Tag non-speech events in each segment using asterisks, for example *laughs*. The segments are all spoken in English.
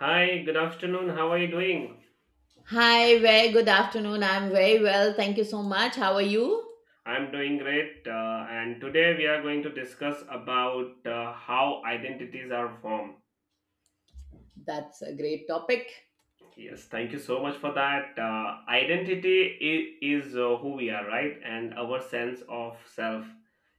Hi, good afternoon. How are you doing? Hi, very good afternoon. I'm very well. Thank you so much. How are you? I'm doing great. And today we are going to discuss about how identities are formed. That's a great topic. Yes, thank you so much for that. Identity is who we are, right? And our sense of self,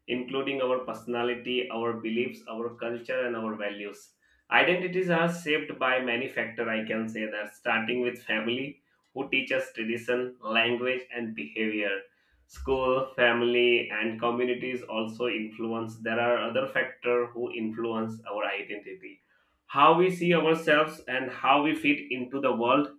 including our personality, our beliefs, our culture, and our values. Identities are shaped by many factors, I can say that, starting with family, who teach us tradition, language, and behavior. School, family, and communities also influence. There are other factors who influence our identity, how we see ourselves and how we fit into the world.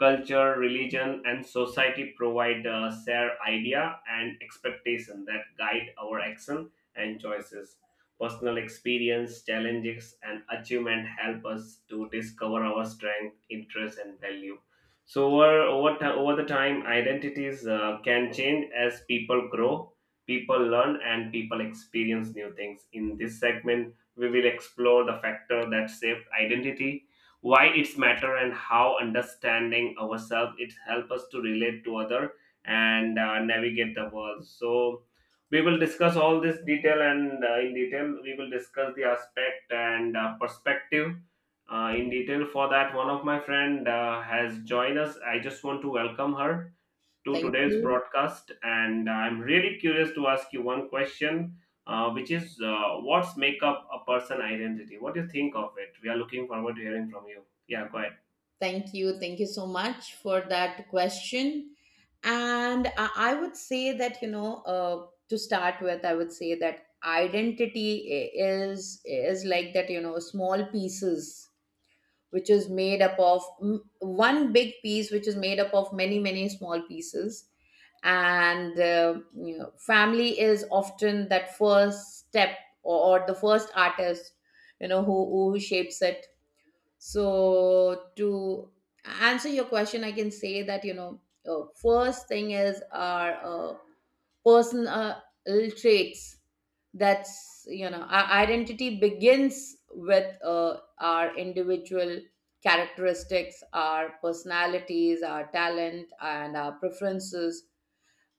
Culture, religion, and society provide a shared idea and expectation that guide our action and choices. Personal experience, challenges, and achievement help us to discover our strength, interests, and value. So over the time identities can change as people grow, people learn, and people experience new things. In this segment we will explore the factor that shaped identity, why it's matter, and how understanding ourselves it helps us to relate to other and navigate the world. So we will discuss all this detail and in detail. We will discuss the aspect and perspective in detail. For that, one of my friend has joined us. I just want to welcome her to Thank today's you. broadcast. And I'm really curious to ask you one question, which is what's make up a person identity? What do you think of it? We are looking forward to hearing from you. Yeah, go ahead. Thank you. Thank you so much for that question. And I would say that, you know, to start with, I would say that identity is like that, you know, small pieces which is made up of one big piece which is made up of many many small pieces, and you know, family is often that first step, or the first artist, you know, who shapes it. So, to answer your question, I can say that, you know, first thing is our personal traits. That's, you know, our identity begins with our individual characteristics, our personalities, our talent, and our preferences,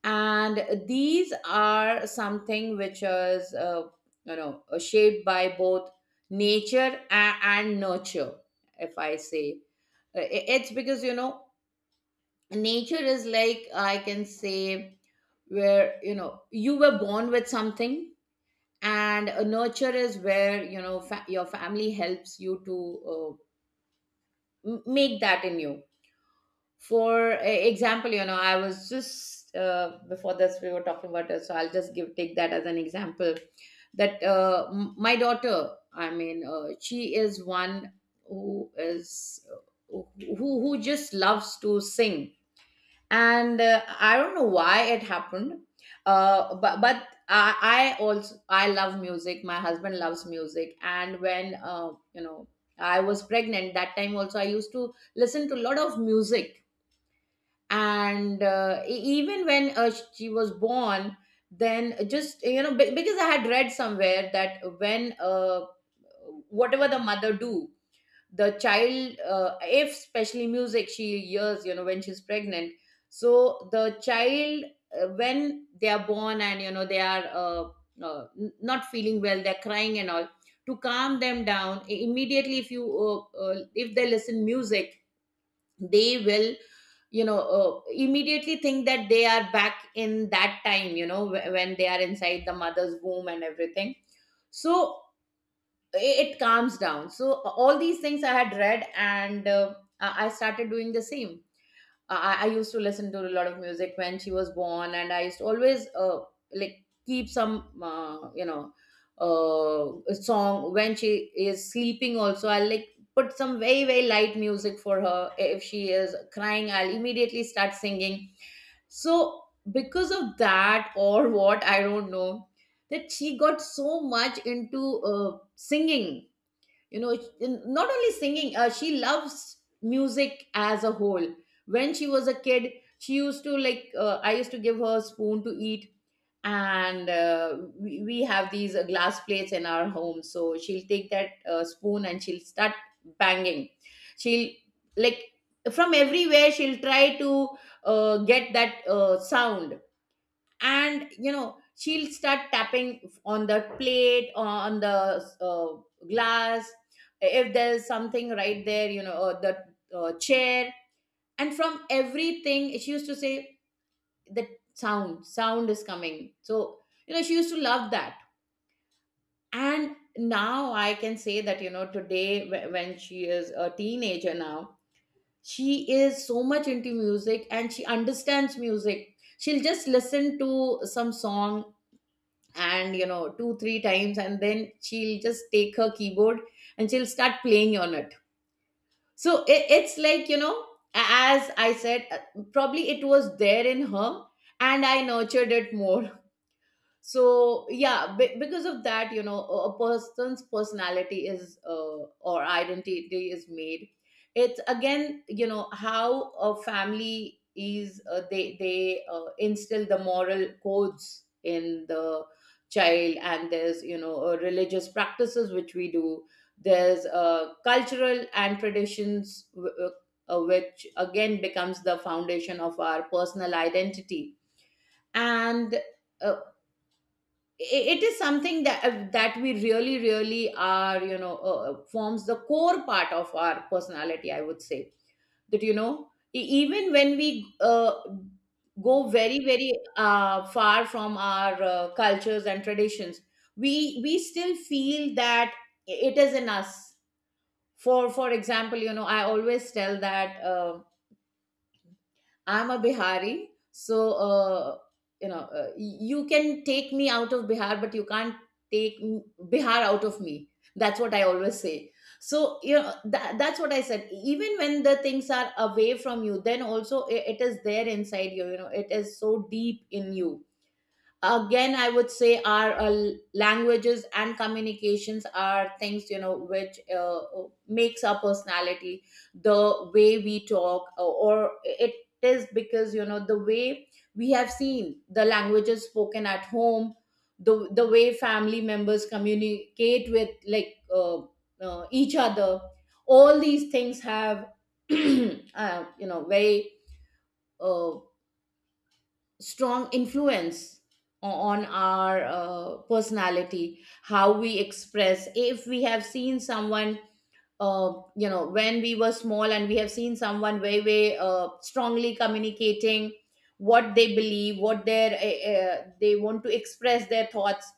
and these are something which is shaped by both nature and nurture, if I say. It's because, you know, nature is like, I can say, where, you know, you were born with something. And nurture is where, you know, your family helps you to uh, make that in you. For example, you know, I was just, before this we were talking about it, so I'll just give take that as an example. That, my daughter, I mean, she is one who is who who just loves to sing. And I don't know why it happened, but I also I love music, my husband loves music, and when, you know, I was pregnant that time also, I used to listen to a lot of music. And even when she was born, then, just, you know, because I had read somewhere that when, whatever the mother do, the child, if especially music she hears, you know, when she's pregnant, so the child, when they are born, and you know they are, not feeling well, they're crying and all, to calm them down, immediately, if you, if they listen music, they will, you know, immediately think that they are back in that time, you know, when they are inside the mother's womb and everything. So it calms down. So all these things I had read, and I started doing the same. I used to listen to a lot of music when she was born, and I used to always, like, keep some, song when she is sleeping. Also, I like put some very very light music for her. If she is crying, I'll immediately start singing. So, because of that or what, I don't know, that she got so much into singing. You know, not only singing, she loves music as a whole. When she was a kid, she used to like, I used to give her a spoon to eat, and we have these glass plates in our home, so she'll take that spoon and she'll start banging. She'll, like, from everywhere she'll try to get that sound, and, you know, she'll start tapping on the plate, on the glass, if there's something right there, you know, or the chair. And from everything she used to say the sound is coming. So, you know, she used to love that. And now I can say that, you know, today, when she is a teenager now, she is so much into music and she understands music. She'll just listen to some song, and you know, two three times, and then she'll just take her keyboard, and she'll start playing on it. So it's like, you know, as I said, probably it was there in her, and I nurtured it more *laughs* so yeah, because of that, you know, a person's personality is, or identity is made. It's again, you know, how a family is, they instill the moral codes in the child. And there's, you know, religious practices which we do. There's cultural and traditions, which again becomes the foundation of our personal identity. And uh, it is something that, that we really really are, you know, forms the core part of our personality, I would say, that, you know, even when we uh, go very very far from our cultures and traditions, we we still feel that it is in us. For example, you know, I always tell that, I'm a Bihari, so, you know, you can take me out of Bihar, but you can't take Bihar out of me. That's what I always say. So, you know, that's what I said. Even when the things are away from you, then also, it is there inside you. You know, it is so deep in you. Again, I would say our, languages and communications are things, you know, which, makes our personality, the way we talk, or it is because, you know, the way we have seen the languages spoken at home, the way family members communicate with, like, each other, all these things have *clears throat* you know, very uh, strong influence on our personality, how we express. If we have seen someone, you know, when we were small, and we have seen someone very very strongly communicating what they believe, what their they want to express their thoughts,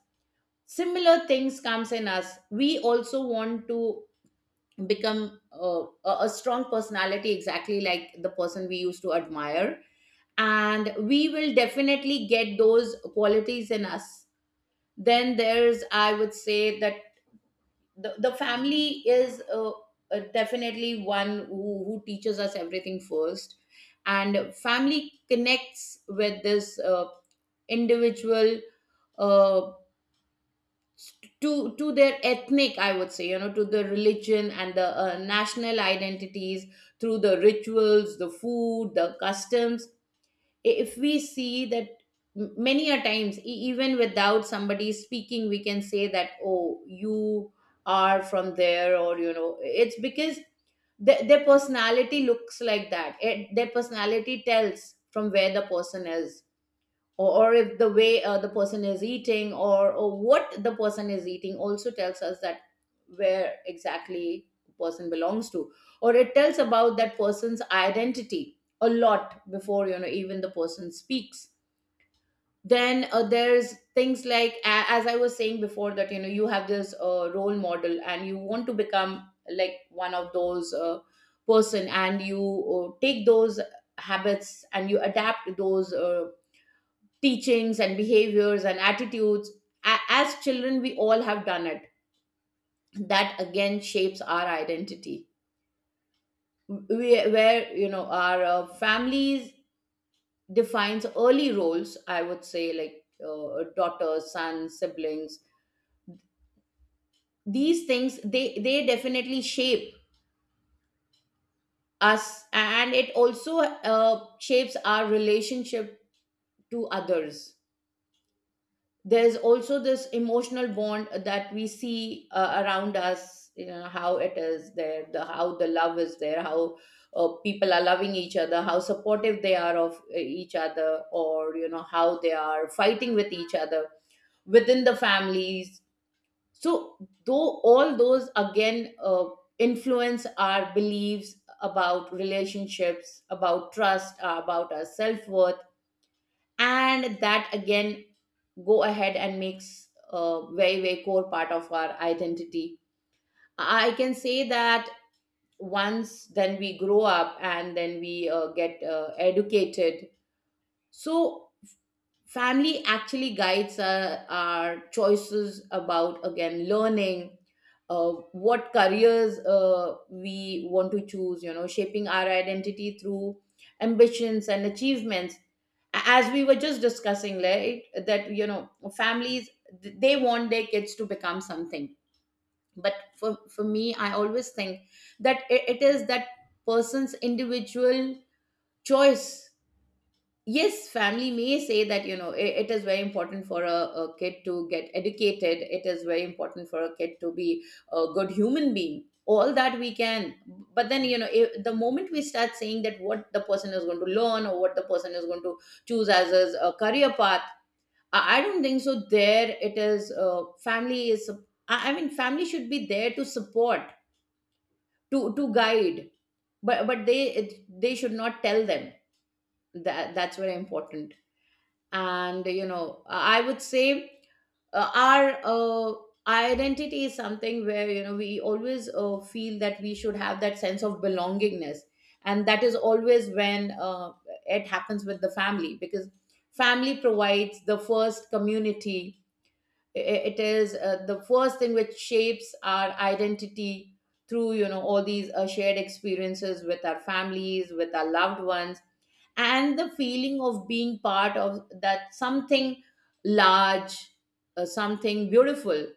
similar things comes in us. We also want to become a strong personality exactly like the person we used to admire, and we will definitely get those qualities in us. Then there's, I would say that the family is, definitely one who teaches us everything first. And family connects with this individual, uh, to their ethnic, I would say, you know, to the religion and the national identities, through the rituals, the food, the customs. If we see that, many a times, even without somebody speaking, we can say that, oh, you are from there, or, you know, it's because their personality looks like that. Their personality tells from where the person is, or if the way, the person is eating, or what the person is eating also tells us that where exactly the person belongs to, or it tells about that person's identity a lot before, you know, even the person speaks. Then, there's things like, as I was saying before, that, you know, you have this role model and you want to become like one of those person, and you take those habits and you adapt those teachings and behaviors and attitudes. As children, we all have done it. That again shapes our identity. We, where, you know, our families defines early roles. I would say like, daughters, sons, siblings. These things, they definitely shape us, and it also, shapes our relationship to others. There's also this emotional bond that we see, around us. You know, how it is there, the how the love is there, how, people are loving each other, how supportive they are of, each other, or, you know, how they are fighting with each other within the families. So though all those again, influence our beliefs about relationships, about trust, about our self-worth. And that again go ahead and makes a very very core part of our identity, I can say that. Once then we grow up and then we get educated. So family actually guides our choices about, again, learning, what careers, we want to choose, you know, shaping our identity through ambitions and achievements. As we were just discussing, right, that, you know, families, they want their kids to become something. But for me, I always think that it is that person's individual choice. Yes, family may say that, you know, it is very important for a kid to get educated, it is very important for a kid to be a good human being, all that we can. But then, you know, if, the moment we start saying that what the person is going to learn or what the person is going to choose as his career path, I don't think so there it is family is family should be there to support, to guide, but they should not tell them that, that's very important. And, you know, I would say our identity is something where, you know, we always feel that we should have that sense of belongingness, and that is always when it happens with the family, because family provides the first community. It is the first thing which shapes our identity through, you know, all these shared experiences with our families, with our loved ones, and the feeling of being part of that something large, something beautiful.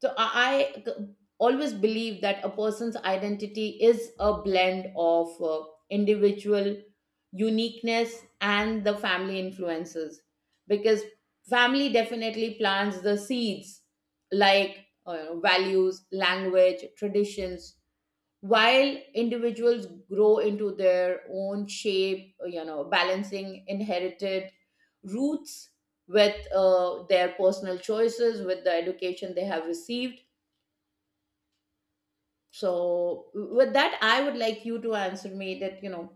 So I always believe that a person's identity is a blend of individual uniqueness and the family influences, because family definitely plants the seeds, like values, language, traditions, while individuals grow into their own shape, you know, balancing inherited roots with their personal choices, with the education they have received. So with that, I would like you to answer me that, you know,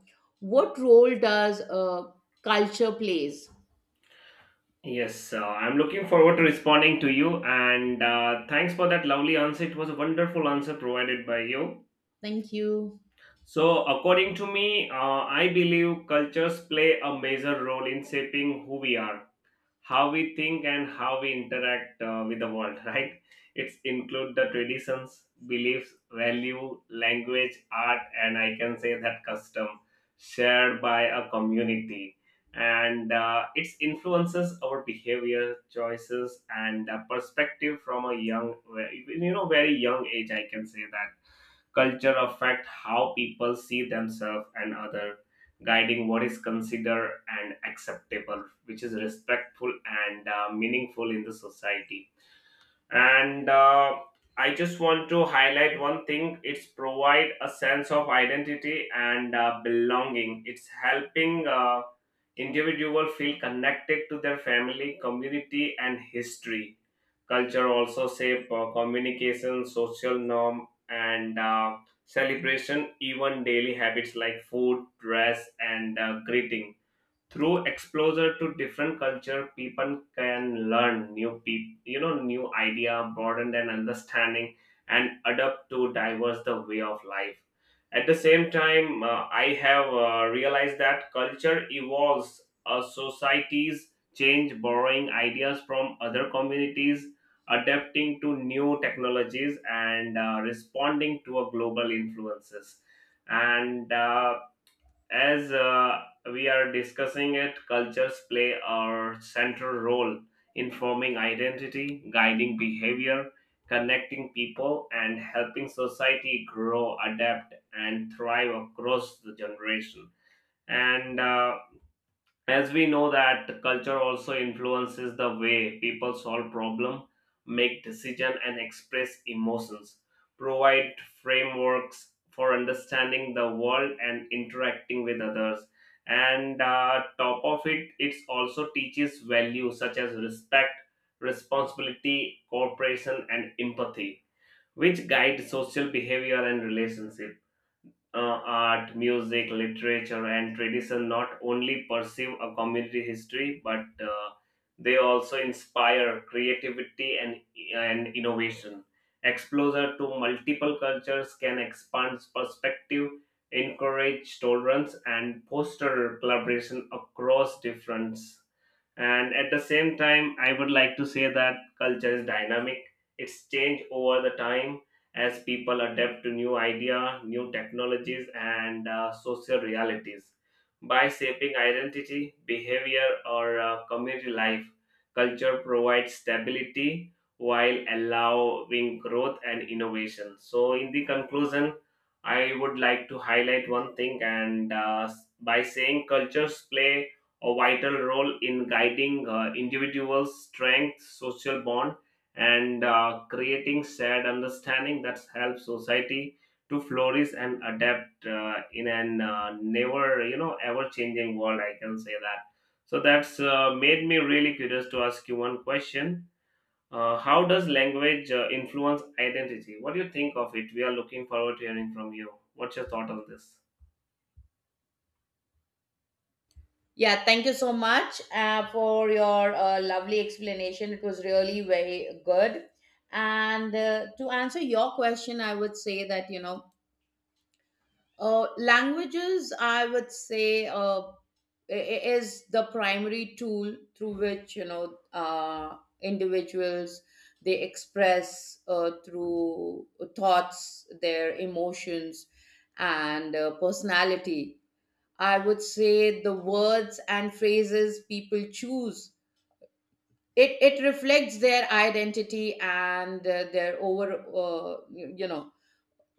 what role does culture plays. Yes, I'm looking forward to responding to you. And thanks for that lovely answer. It was a wonderful answer provided by you. Thank you. So, according to me, I believe cultures play a major role in shaping who we are, how we think, and how we interact with the world *laughs* right. It's include the traditions, beliefs, value, language, art, and I can say that custom shared by a community. And it influences our behavior, choices, and perspective. From a young, you know, very young age, I can say that culture affect how people see themselves and other, guiding what is considered and acceptable, which is respectful and meaningful in the society. And I just want to highlight one thing: it's provide a sense of identity and belonging, it's helping individual feel connected to their family, community, and history. Culture also shape communication, social norm, and celebration. Even daily habits like food, dress, and greeting. Through exposure to different culture, people can learn new people, you know, new idea, broaden their understanding, and adapt to diverse the way of life. At the same time, I have realized that culture evolves, societies change, borrowing ideas from other communities, adapting to new technologies, and responding to a global influences. And as we are discussing it, cultures play a central role in forming identity, guiding behavior, connecting people, and helping society grow, adapt, and thrive across the generation. And as we know that culture also influences the way people solve problem, make decision, and express emotions, provide frameworks for understanding the world and interacting with others. And top of it, it also teaches values such as respect, responsibility, cooperation, and empathy, which guide social behavior and relationships. Art, music, literature, and tradition not only perceive a community history, but they also inspire creativity and innovation. Exposure to multiple cultures can expand perspective, encourage tolerance, and foster collaboration across difference. And at the same time, I would like to say that culture is dynamic. It's changed over the time as people adapt to new idea, new technologies, and social realities. By shaping identity, behavior, or community life, culture provides stability while allowing growth and innovation. So, in the conclusion, I would like to highlight one thing, and by saying cultures play a vital role in guiding individuals' strength, social bond, and creating shared understanding that helps society to flourish and adapt in an never, you know, ever-changing world. I can say that. So that's made me really curious to ask you one question. How does language influence identity? What do you think of it? We are looking forward to hearing from you. What's your thought on this? Yeah, thank you so much for your lovely explanation, it was really very good. And to answer your question, I would say that, you know, languages, I would say, is the primary tool through which, you know, individuals, they express through thoughts, their emotions, and personality. I would say the words and phrases people choose. It reflects their identity and their over you you know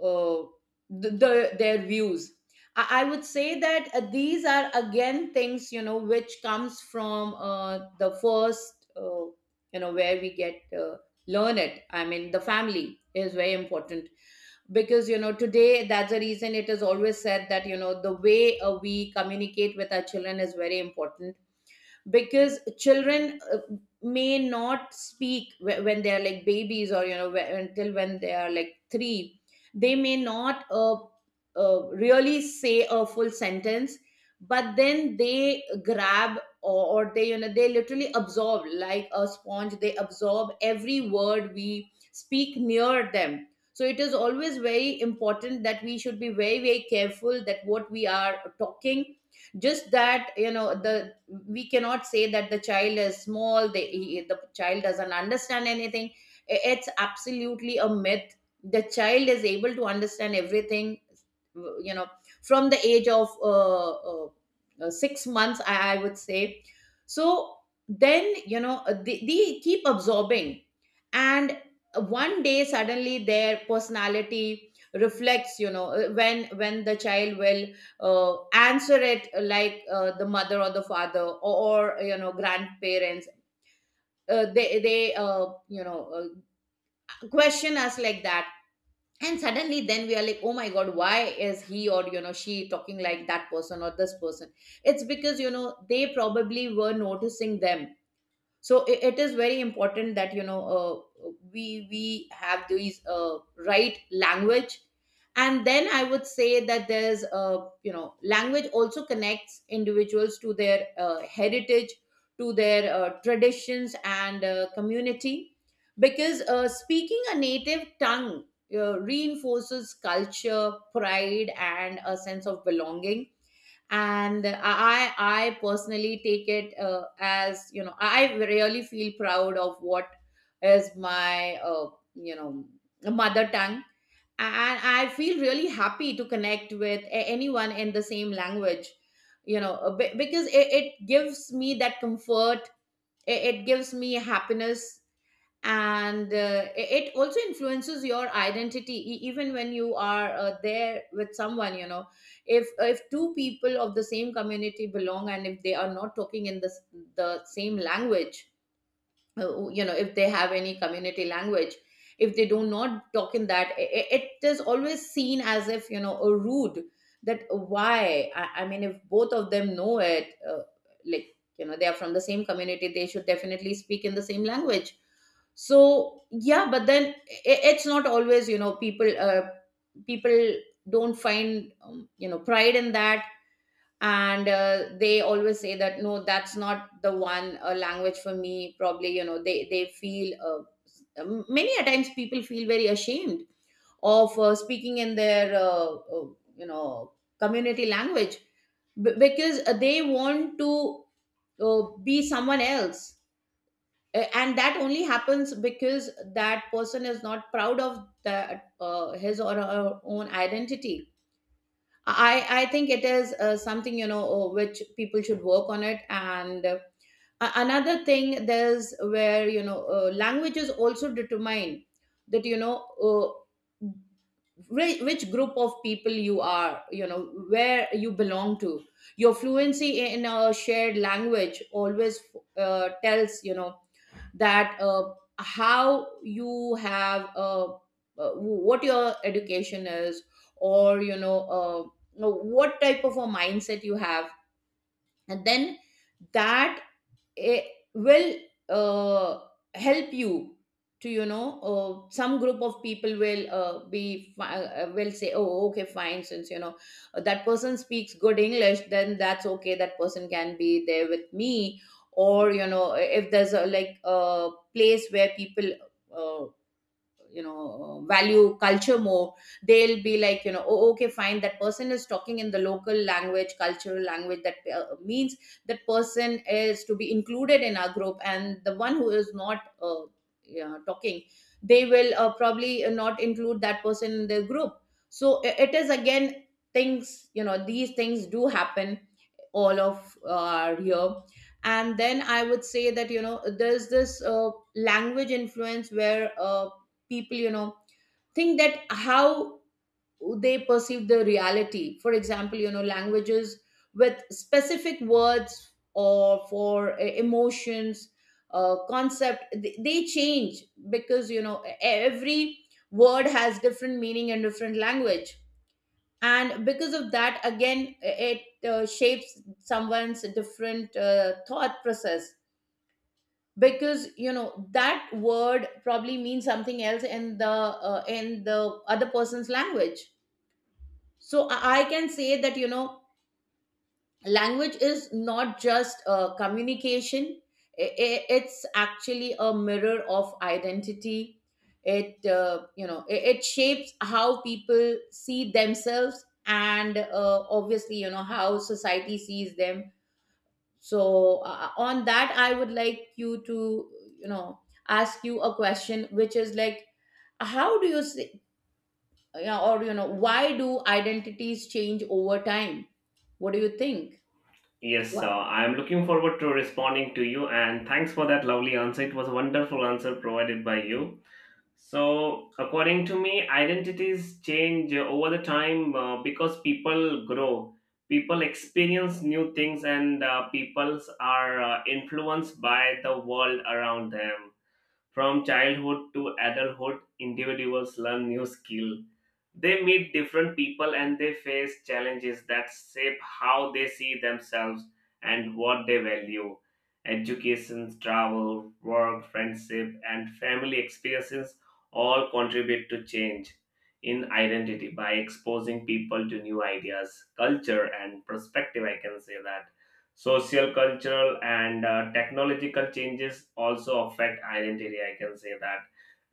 uh, the their views. I would say that these are, again, things, you know, which comes from the first you know, where we get learn it, I mean the family is very important, because, you know, today that's the reason it is always said that, you know, the way we communicate with our children is very important, because children may not speak when they are like babies, or, you know, until when they are like 3, they may not really say a full sentence. But then they grab, or they, you know, they literally absorb like a sponge, they absorb every word we speak near them. So it is always very important that we should be very, very careful that what we are talking. Just that, you know, the we cannot say that the child is small, the child doesn't understand anything. It's absolutely a myth, the child is able to understand everything, you know, from the age of 6 months, I would say. So then, you know, they keep absorbing, and one day suddenly their personality reflects, you know, when the child will answer it like the mother or the father, or you know, grandparents, they question us like that. And suddenly then we are like, oh my god, why is he, or, you know, she talking like that person or this person. It's because, you know, they probably were noticing them. So it is very important that, you know, we have these right language. And then I would say that there's you know, language also connects individuals to their heritage, to their traditions, and community, because speaking a native tongue reinforces culture pride and a sense of belonging. And I personally take it as, you know, I really feel proud of what is my you know mother tongue, and I feel really happy to connect with anyone in the same language, you know, because it gives me that comfort, it gives me happiness. And it also influences your identity, even when you are there with someone, you know, if two people of the same community belong and if they are not talking in the same language, you know, if they have any community language, if they do not talk in that, it is always seen as if, you know, a rude. That why I mean, if both of them know it like, you know, they are from the same community, they should definitely speak in the same language. So, yeah, but then it's not always, you know, people people don't find you know, pride in that. And they always say that, no, that's not the one language for me. Probably, you know, they feel many a times people feel very ashamed of speaking in their you know community language, because they want to be someone else. And that only happens because that person is not proud of that his or her own identity. I think it is something, you know, which people should work on it. And another thing, there's where, you know, languages also determine that, you know, which group of people you are, you know, where you belong to. Your fluency in a shared language always tells, you know, that how you have what your education is, or, you know, you know, what type of a mindset you have. And then that it will uh, help you to, you know, some group of people will will say, oh, okay, fine, since, you know, that person speaks good English, then that's okay, that person can be there with me. Or, you know, if there's a like a place where people uh, you know, value culture more, they'll be like, you know, oh, okay, fine, that person is talking in the local language, cultural language, that means that person is to be included in our group. And the one who is not yeah, talking, they will probably not include that person in the group. So it is again, things, you know, these things do happen, all of are here. And then I would say that, you know, there's this language influence where people, you know, think that how they perceive the reality. For example, you know, languages with specific words or for emotions, concept, they change, because, you know, every word has different meaning in different language. And because of that, again, it shapes someone's different thought process, because, you know, that word probably means something else in the other person's language. So I can say that, you know, language is not just communication. It's actually a mirror of identity. It you know, it shapes how people see themselves and obviously, you know, how society sees them. So on that, I would like you to, you know, ask you a question, which is like, how do you see, yeah, or, you know, why do identities change over time? What do you think? Yes, What? I am looking forward to responding to you and thanks for that lovely answer. It was a wonderful answer provided by you. So, according to me, identities change over the time because people grow, people experience new things, and peoples are influenced by the world around them. From childhood to adulthood, individuals learn new skill, they meet different people, and they face challenges that shape how they see themselves and what they value. Education, travel, work, friendship, and family experiences all contribute to change in identity by exposing people to new ideas, culture, and perspective. I can say that. Social, cultural, and technological changes also affect identity. I can say that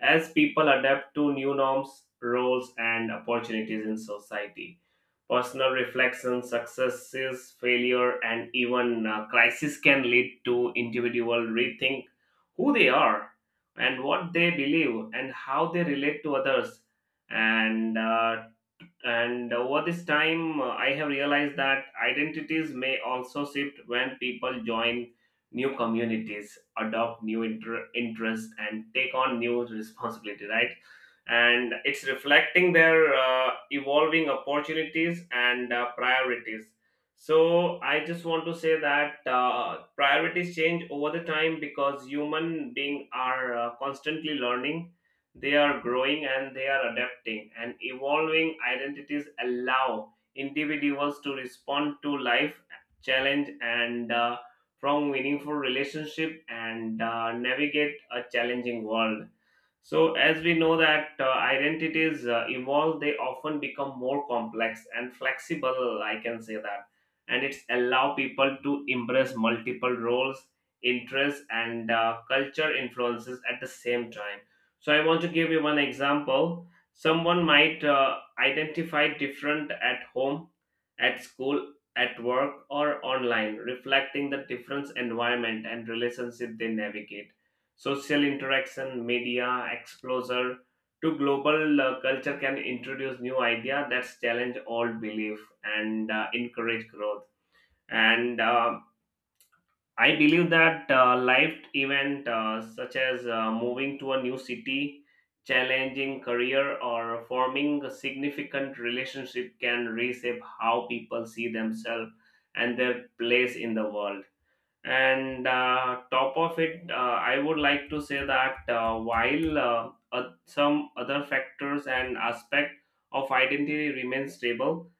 as people adapt to new norms, roles, and opportunities in society. Personal reflection, successes, failure, and even crisis can lead to individual rethink who they are and what they believe and how they relate to others. And uh, and over this time, I have realized that identities may also shift when people join new communities, adopt new interests, and take on new responsibility, right? And it's reflecting their evolving opportunities and priorities. So I just want to say that priorities change over the time because human beings are constantly learning, they are growing, and they are adapting, and evolving identities allow individuals to respond to life challenge and from meaningful relationship and navigate a challenging world. So, as we know that identities evolve, they often become more complex and flexible. I can say that, and it's allow people to embrace multiple roles, interests, and culture influences at the same time. So I want to give you one example. Someone might identify different at home, at school, at work, or online, reflecting the different environment and relationship they navigate. Social interaction, media exposure to global culture can introduce new idea that challenge old belief and encourage growth. And I believe that life event such as moving to a new city, challenging career, or forming a significant relationship can reshape how people see themselves and their place in the world. And top of it, I would like to say that while some other factors and aspect of identity remain stable,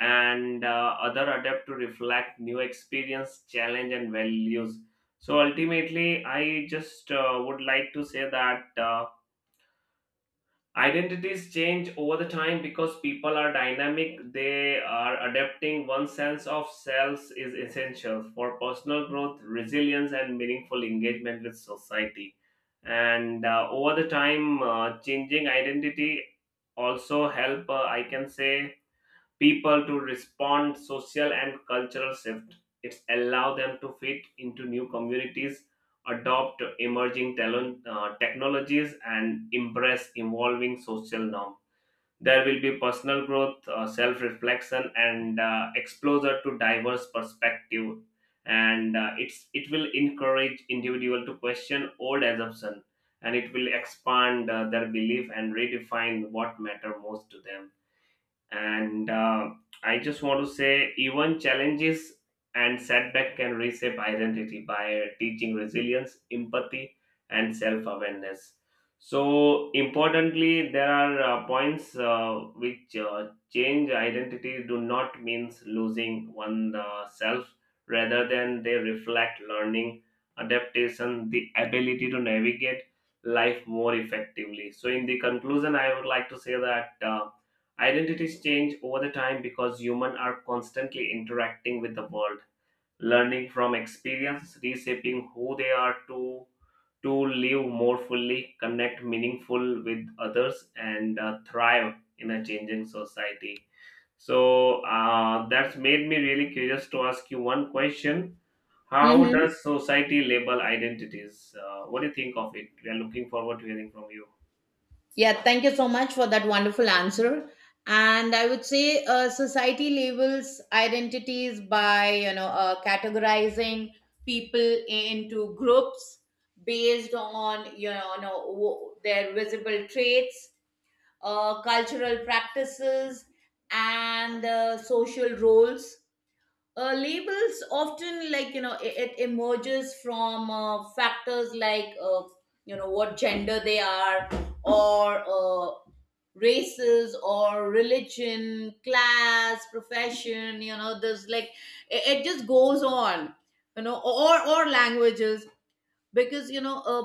and other adapt to reflect new experience, challenge, and values. So ultimately I just would like to say that identities change over the time because people are dynamic, they are adapting, one sense of selves is essential for personal growth, resilience, and meaningful engagement with society. And over the time changing identity also help, I can say, people to respond social and cultural shift, it's allow them to fit into new communities, adopt emerging talent, technologies, and embrace evolving social norm. There will be personal growth, self reflection, and exposure to diverse perspective. And it's, it will encourage individual to question old assumption, and it will expand their belief and redefine what matter most to them. And I just want to say even challenges and setback can reshape identity by teaching resilience, empathy, and self-awareness. So importantly, there are points which change identity do not means losing one self, rather than they reflect learning, adaptation, the ability to navigate life more effectively. So in the conclusion I would like to say that identities change over the time because humans are constantly interacting with the world, learning from experience, reshaping who they are to live more fully, connect meaningful with others, and thrive in a changing society. So that's made me really curious to ask you one question: How does society label identities? What do you think of it? We are looking forward to hearing from you. Yeah, thank you so much for that wonderful answer. And I would say society labels identities by, you know, categorizing people into groups based on, you know, you know, their visible traits, cultural practices, and social roles. Uh, labels often, like, you know, it emerges from factors like you know, what gender they are, or races, or religion, class, profession, you know, there's like, it just goes on, you know, or languages, because, you know, uh,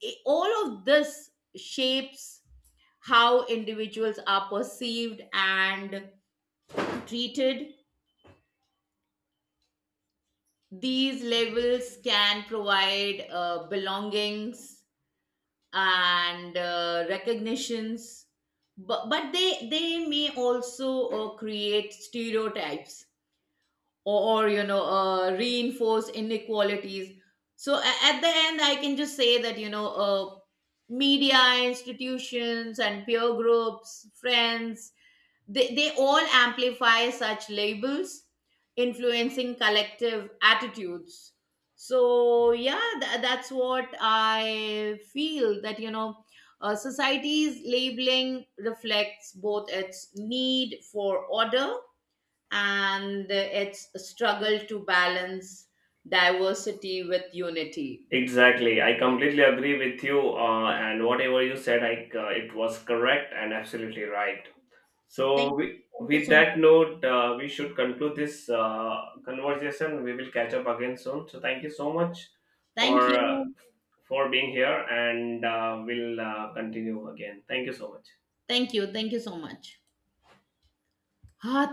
it- all of this shapes how individuals are perceived and treated. These levels can provide belongings and recognitions, but they may also create stereotypes, or you know, reinforce inequalities. So at the end, I can just say that, you know, media, institutions, and peer groups, friends, they all amplify such labels, influencing collective attitudes. So, yeah, that's what I feel, that, you know, society's labeling reflects both its need for order and it's a struggle to balance diversity with unity. Exactly. I completely agree with you. And whatever you said, it was correct and absolutely right. So, Thank you. we, Thank you with so that much. note, we should conclude this conversation. We will catch up again soon. So, thank you so much Thank for uh, you. for being here, and we'll continue again. Thank you so much. Thank you. Thank you so much. Ah,